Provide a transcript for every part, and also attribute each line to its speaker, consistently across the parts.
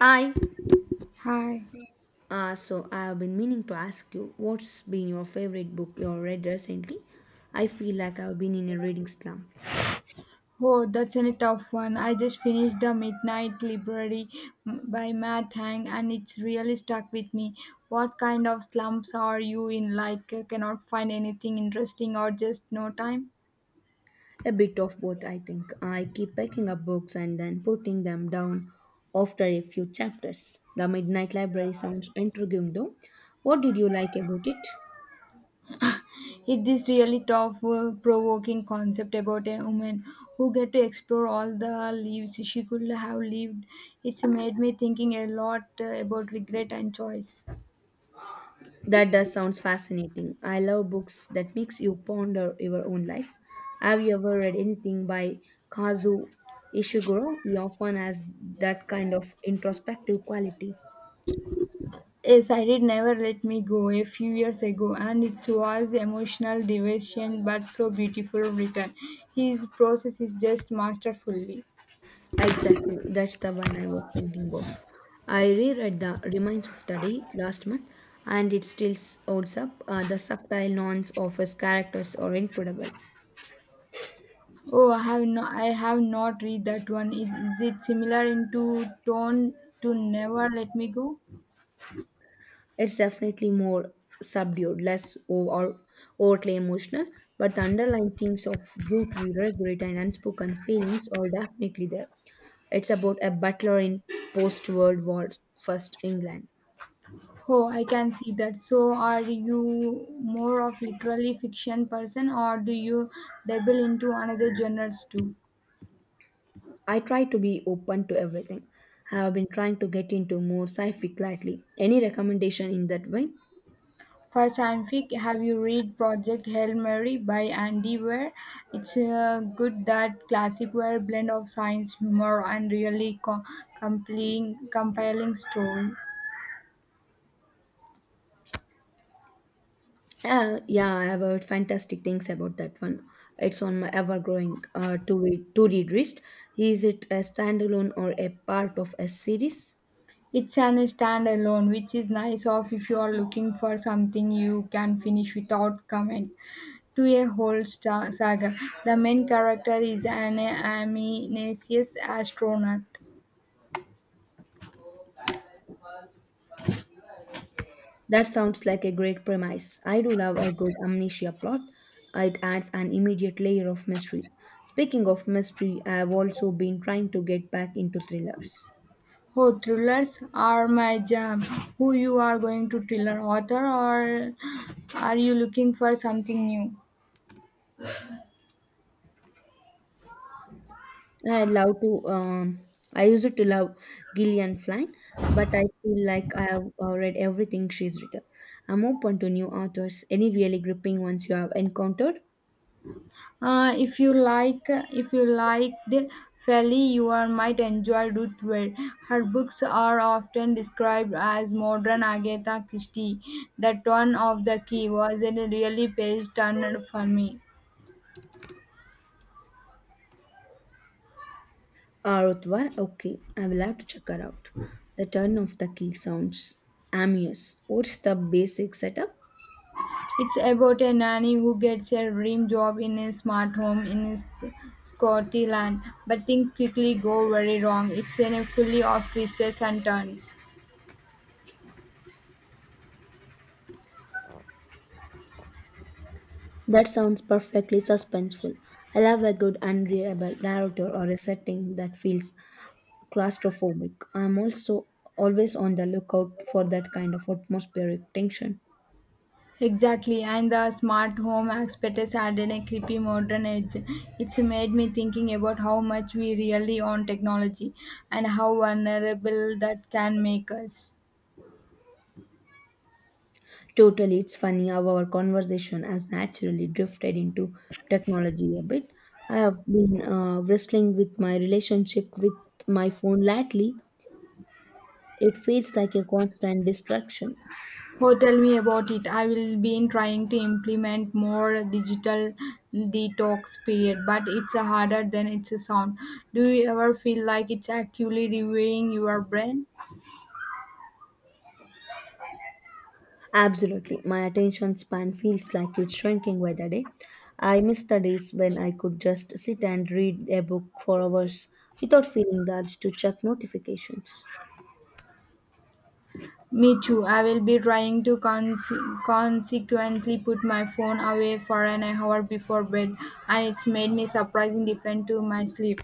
Speaker 1: I
Speaker 2: Hi.
Speaker 1: So I have been meaning to ask you what's been your favorite book you read recently? I feel like I've been in a reading slump.
Speaker 2: Oh, that's a tough one. I just finished The Midnight Library mm, by Matt Hang and it's really stuck with me. What kind of slumps are you in? Like, cannot find anything interesting or just no time?
Speaker 1: A bit of both, I think. I keep picking up books and then putting them down after a few chapters. The Midnight Library sounds intriguing though. What did you like about it?
Speaker 2: It's this really tough, provoking concept about a woman who get to explore all the lives she could have lived. It's made me thinking a lot about regret and choice.
Speaker 1: That does sounds fascinating. I love books that makes you ponder your own life. Have you ever read anything by Kazu Ishiguro? He often has that kind of introspective quality.
Speaker 2: Yes, I did Never Let Me Go a few years ago, and it was emotional devastation but so beautiful written. His process is just masterfully.
Speaker 1: Exactly, that's the one I was thinking of. I reread The Remains of the Day last month, and it still holds up. The subtle nuance of his characters are incredible.
Speaker 2: Oh, I have no, I have not read that one. Is it similar in to tone to Never Let Me Go?
Speaker 1: It's definitely more subdued, less or overtly emotional, but the underlying themes of duty, regret, and unspoken feelings are definitely there. It's about a butler in post World War First England.
Speaker 2: Oh, I can see that. So, are you more of literally fiction person, or do you dabble into another genres too?
Speaker 1: I try to be open to everything. I have been trying to get into more sci-fi lately. Any recommendation in that vein?
Speaker 2: For fanfic, have you read Project Hail Mary by Andy Weir? It's good that classic Weir blend of science, humor, and really compelling story.
Speaker 1: Yeah, I have heard fantastic things about that one. It's on my ever-growing to-read list. Is it a standalone or a part of a series?
Speaker 2: It's an standalone, which is nice off if you are looking for something you can finish without comment to a whole star saga. The main character is an ambitious astronaut.
Speaker 1: That sounds like a great premise. I do love a good amnesia plot. It adds an immediate layer of mystery. Speaking of mystery, I have also been trying to get back into thrillers.
Speaker 2: Oh, thrillers are my jam. Who you are going to thriller author or are you looking for something new?
Speaker 1: I love to. I used to love Gillian Flynn, but I feel like I have read everything she's written. I'm open to new authors. Any really gripping ones you have encountered?
Speaker 2: If you liked Feli, you are, might enjoy Ruth Ware. Her books are often described as modern Agatha Christie. That one of the key was a really page turner for me.
Speaker 1: Arutwar, okay, I will have to check her out. The Turn of the Key sounds amuse. What's the basic setup?
Speaker 2: It's about a nanny who gets a dream job in a smart home in Scotland, but things quickly go very wrong. It's in a fully of twists and turns.
Speaker 1: That sounds perfectly suspenseful. I love a good, unreliable narrator or a setting that feels claustrophobic. I'm also always on the lookout for that kind of atmospheric tension.
Speaker 2: Exactly, and the smart home aspect is added a creepy modern edge. It's made me thinking about how much we really own technology and how vulnerable that can make us.
Speaker 1: Totally, it's funny how our conversation has naturally drifted into technology a bit. I have been wrestling with my relationship with my phone lately. It feels like a constant distraction.
Speaker 2: Oh, tell me about it. I will be trying to implement more digital detox period, but it's harder than it sounds. Do you ever feel like it's actually reviewing your brain?
Speaker 1: Absolutely. My attention span feels like it's shrinking by the day. I miss the days when I could just sit and read a book for hours without feeling the urge to check notifications.
Speaker 2: Me too. I will be trying to consequently put my phone away for an hour before bed, and it's made me surprising different to my sleep.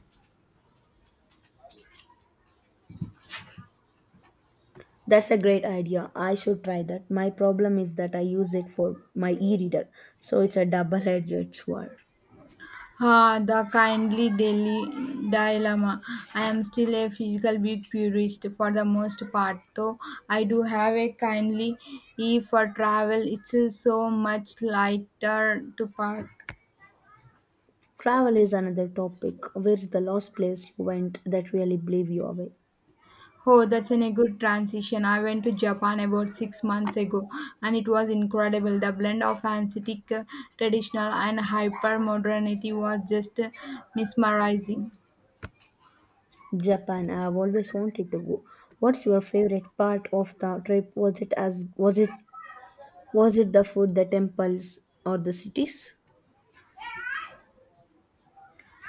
Speaker 1: That's a great idea. I should try that. My problem is that I use it for my e reader, so it's a double edged sword.
Speaker 2: Ah, the kindly daily dilemma. I am still a physical book purist for the most part, though I do have a kindly e for travel. It's so much lighter to park.
Speaker 1: Travel is another topic. Where's the last place you went that really blew you away?
Speaker 2: Oh, that's in a good transition. I went to Japan about 6 months ago, and it was incredible. The blend of antique, traditional, and hyper modernity was just mesmerizing.
Speaker 1: Japan. I've always wanted to go. What's your favorite part of the trip? Was it as was it Was it the food, the temples, or the cities?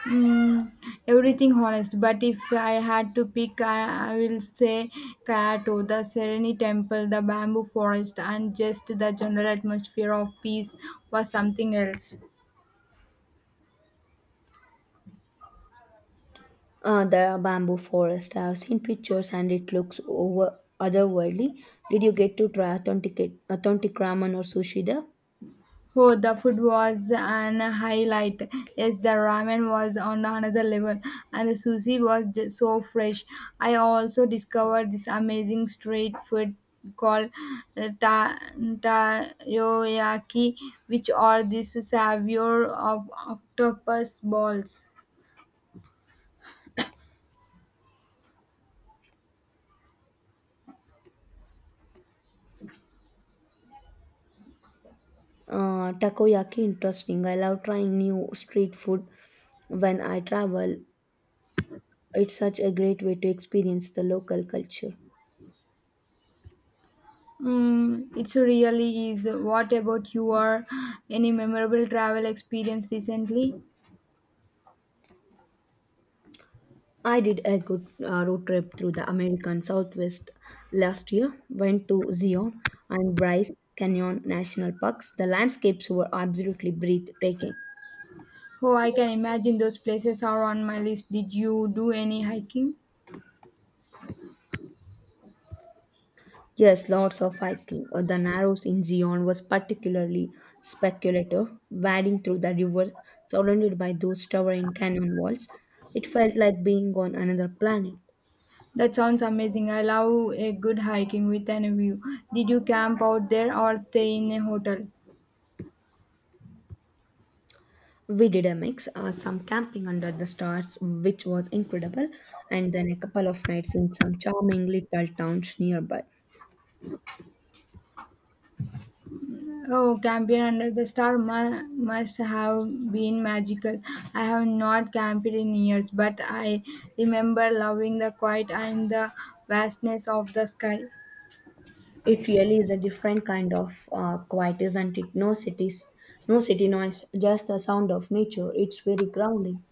Speaker 2: Mm, everything honest, but if I had to pick, I will say Kyoto, the Serene Temple, the bamboo forest, and just the general atmosphere of peace was something else.
Speaker 1: The bamboo forest. I have seen pictures and it looks over otherworldly. Did you get to try authentic ramen or sushi there?
Speaker 2: Oh, the food was an highlight. Yes, the ramen was on another level, and the sushi was just so fresh. I also discovered this amazing street food called takoyaki, which are this savior of octopus balls.
Speaker 1: Takoyaki, interesting. I love trying new street food when I travel. It's such a great way to experience the local culture.
Speaker 2: Mm, it really is. What about your any memorable travel experience recently?
Speaker 1: I did a good road trip through the American Southwest last year. Went to Zion and Bryce Canyon National Parks. The landscapes were absolutely breathtaking.
Speaker 2: Oh, I can imagine those places are on my list. Did you do any hiking?
Speaker 1: Yes, lots of hiking. The narrows in Zion was particularly speculative, wading through the river surrounded by those towering canyon walls. It felt like being on another planet.
Speaker 2: That sounds amazing. I love a good hiking with an view. Did you camp out there or stay in a hotel?
Speaker 1: We did a mix, some camping under the stars, which was incredible, and then a couple of nights in some charming little towns nearby.
Speaker 2: Oh, camping under the star must have been magical. I have not camped in years, but I remember loving the quiet and the vastness of the sky.
Speaker 1: It really is a different kind of quiet, isn't it? No cities, no city noise, just the sound of nature. It's very grounding.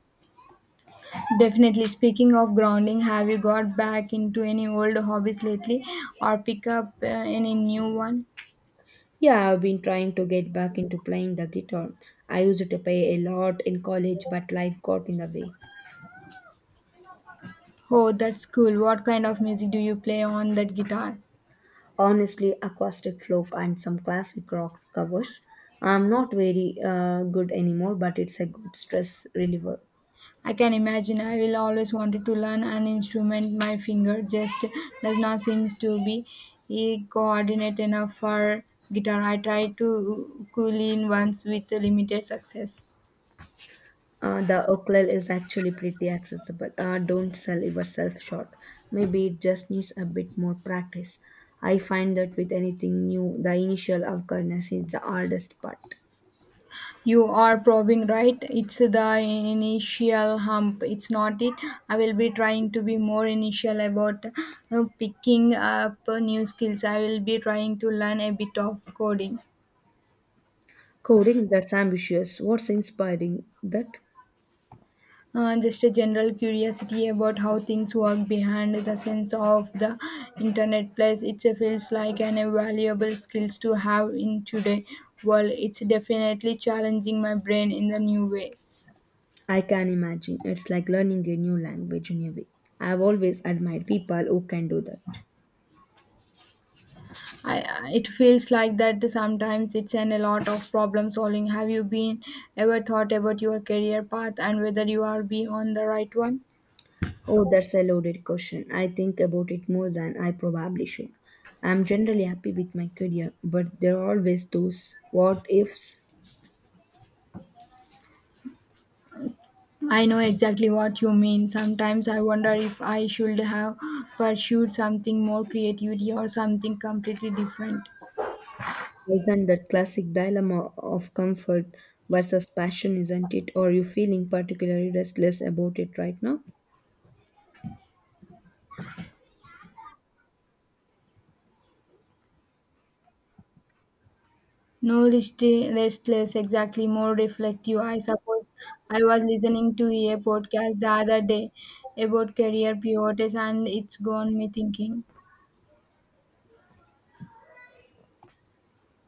Speaker 2: Definitely. Speaking of grounding, have you got back into any old hobbies lately or pick up any new one?
Speaker 1: Yeah, I've been trying to get back into playing the guitar. I used to play a lot in college, but life got in the way.
Speaker 2: Oh, that's cool. What kind of music do you play on that guitar?
Speaker 1: Honestly, acoustic folk and some classic rock covers. I'm not very good anymore, but it's a good stress reliever.
Speaker 2: I can imagine I will always wanted to learn an instrument. My finger just does not seem to be coordinate enough for guitar. I tried to cool in once with limited success.
Speaker 1: Uh, the ukulele is actually pretty accessible. Uh, don't sell yourself short. Maybe it just needs a bit more practice. I find that with anything new, the initial awkwardness is the hardest part.
Speaker 2: You are probing right. It's the initial hump. It's not it. I will be trying to be more initial about picking up new skills. I will be trying to learn a bit of coding.
Speaker 1: Coding, that's ambitious. What's inspiring that?
Speaker 2: Just a general curiosity about how things work behind the sense of the internet place. It feels like an invaluable skills to have in today world. It's definitely challenging my brain in the new ways.
Speaker 1: I can imagine it's like learning a new language in a way. I've always admired people who can do that.
Speaker 2: It feels like that sometimes. It's an a lot of problem solving. Have you been ever thought about your career path and whether you are be on the right one?
Speaker 1: Oh, that's a loaded question. I think about it more than I probably should. I'm generally happy with my career, but there are always those what ifs.
Speaker 2: I know exactly what you mean. Sometimes I wonder if I should have pursued something more creativity or something completely different.
Speaker 1: Isn't that classic dilemma of comfort versus passion, isn't it? Or are you feeling particularly restless about it right now?
Speaker 2: No restless, exactly more reflective. I suppose I was listening to a podcast the other day about career pivots and it's gone me thinking.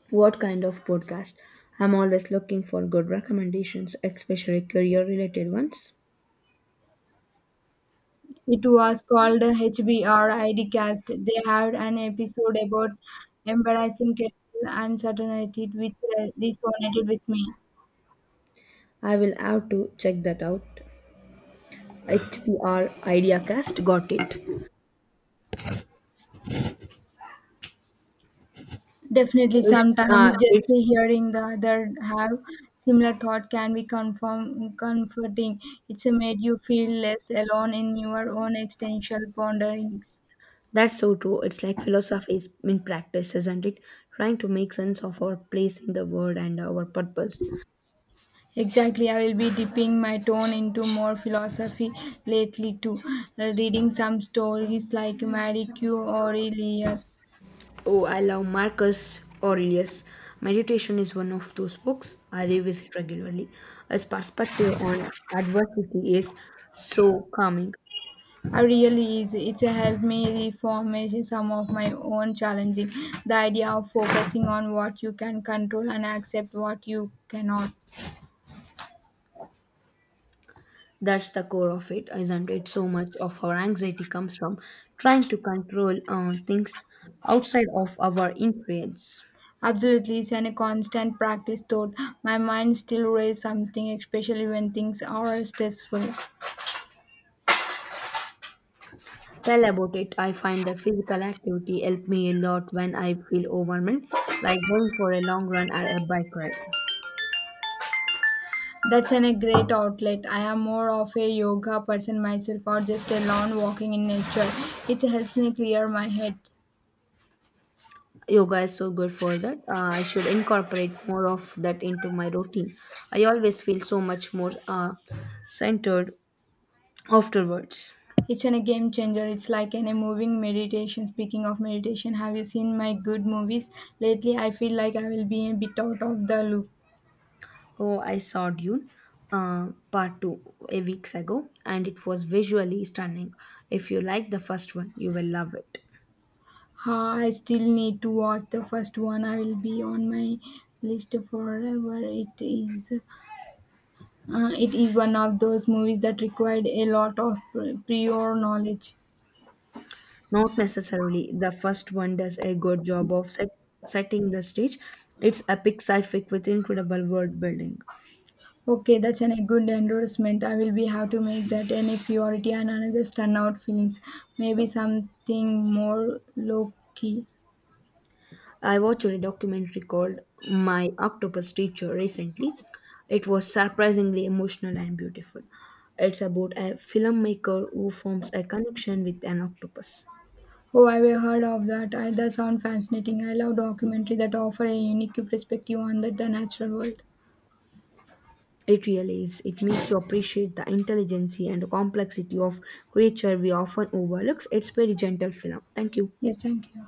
Speaker 1: What kind of podcast? I'm always looking for good recommendations, especially career related ones.
Speaker 2: It was called HBR ID Cast. They had an episode about embarrassing career uncertainty which resonated with me.
Speaker 1: I will have to check that out. HPR IdeaCast got it.
Speaker 2: Definitely,
Speaker 1: It's
Speaker 2: sometimes just
Speaker 1: it's.
Speaker 2: hearing the other have similar thought can be comforting. It's made you feel less alone in your own existential ponderings.
Speaker 1: That's so true. It's like philosophy is in practice, isn't it? Trying to make sense of our place in the world and our purpose.
Speaker 2: Exactly, I will be dipping my tone into more philosophy lately too, reading some stories like Marie Q. Aurelius.
Speaker 1: Oh, I love Marcus Aurelius. Meditation is one of those books I revisit regularly. His perspective on adversity is so calming.
Speaker 2: I really is. It's a helped me reformation some of my own challenging. The idea of focusing on what you can control and accept what you cannot.
Speaker 1: That's the core of it, isn't it? So much of our anxiety comes from trying to control things outside of our influence.
Speaker 2: Absolutely, it's a constant practice thought. My mind still raise something, especially when things are stressful.
Speaker 1: Tell about it. I find that physical activity help me a lot when I feel overwhelmed, like going for a long run or a bike ride.
Speaker 2: That's a great outlet. I am more of a yoga person myself or just a long walking in nature. It helps me clear my head.
Speaker 1: Yoga is so good for that. I should incorporate more of that into my routine. I always feel so much more centered afterwards.
Speaker 2: It's a game changer. It's like a moving meditation. Speaking of meditation, have you seen my good movies? Lately, I feel like I will be a bit out of the loop.
Speaker 1: Oh, I saw Dune part 2 a weeks ago and it was visually stunning. If you like the first one, you will love it.
Speaker 2: Ha, I still need to watch the first one. I will be on my list forever. It is one of those movies that required a lot of prior knowledge.
Speaker 1: Not necessarily. The first one does a good job of setting the stage. It's epic sci-fic with incredible world building.
Speaker 2: Okay, that's a good endorsement. I will be have to make that any priority and another standout films. Maybe something more low key.
Speaker 1: I watched a documentary called My Octopus Teacher recently. It was surprisingly emotional and beautiful. It's about a filmmaker who forms a connection with an octopus.
Speaker 2: Oh, I've heard of that. I, that sounds fascinating. I love documentary that offer a unique perspective on the natural world.
Speaker 1: It really is. It makes you appreciate the intelligence and complexity of creature we often overlook. It's very gentle film. Thank you.
Speaker 2: Yes, thank you.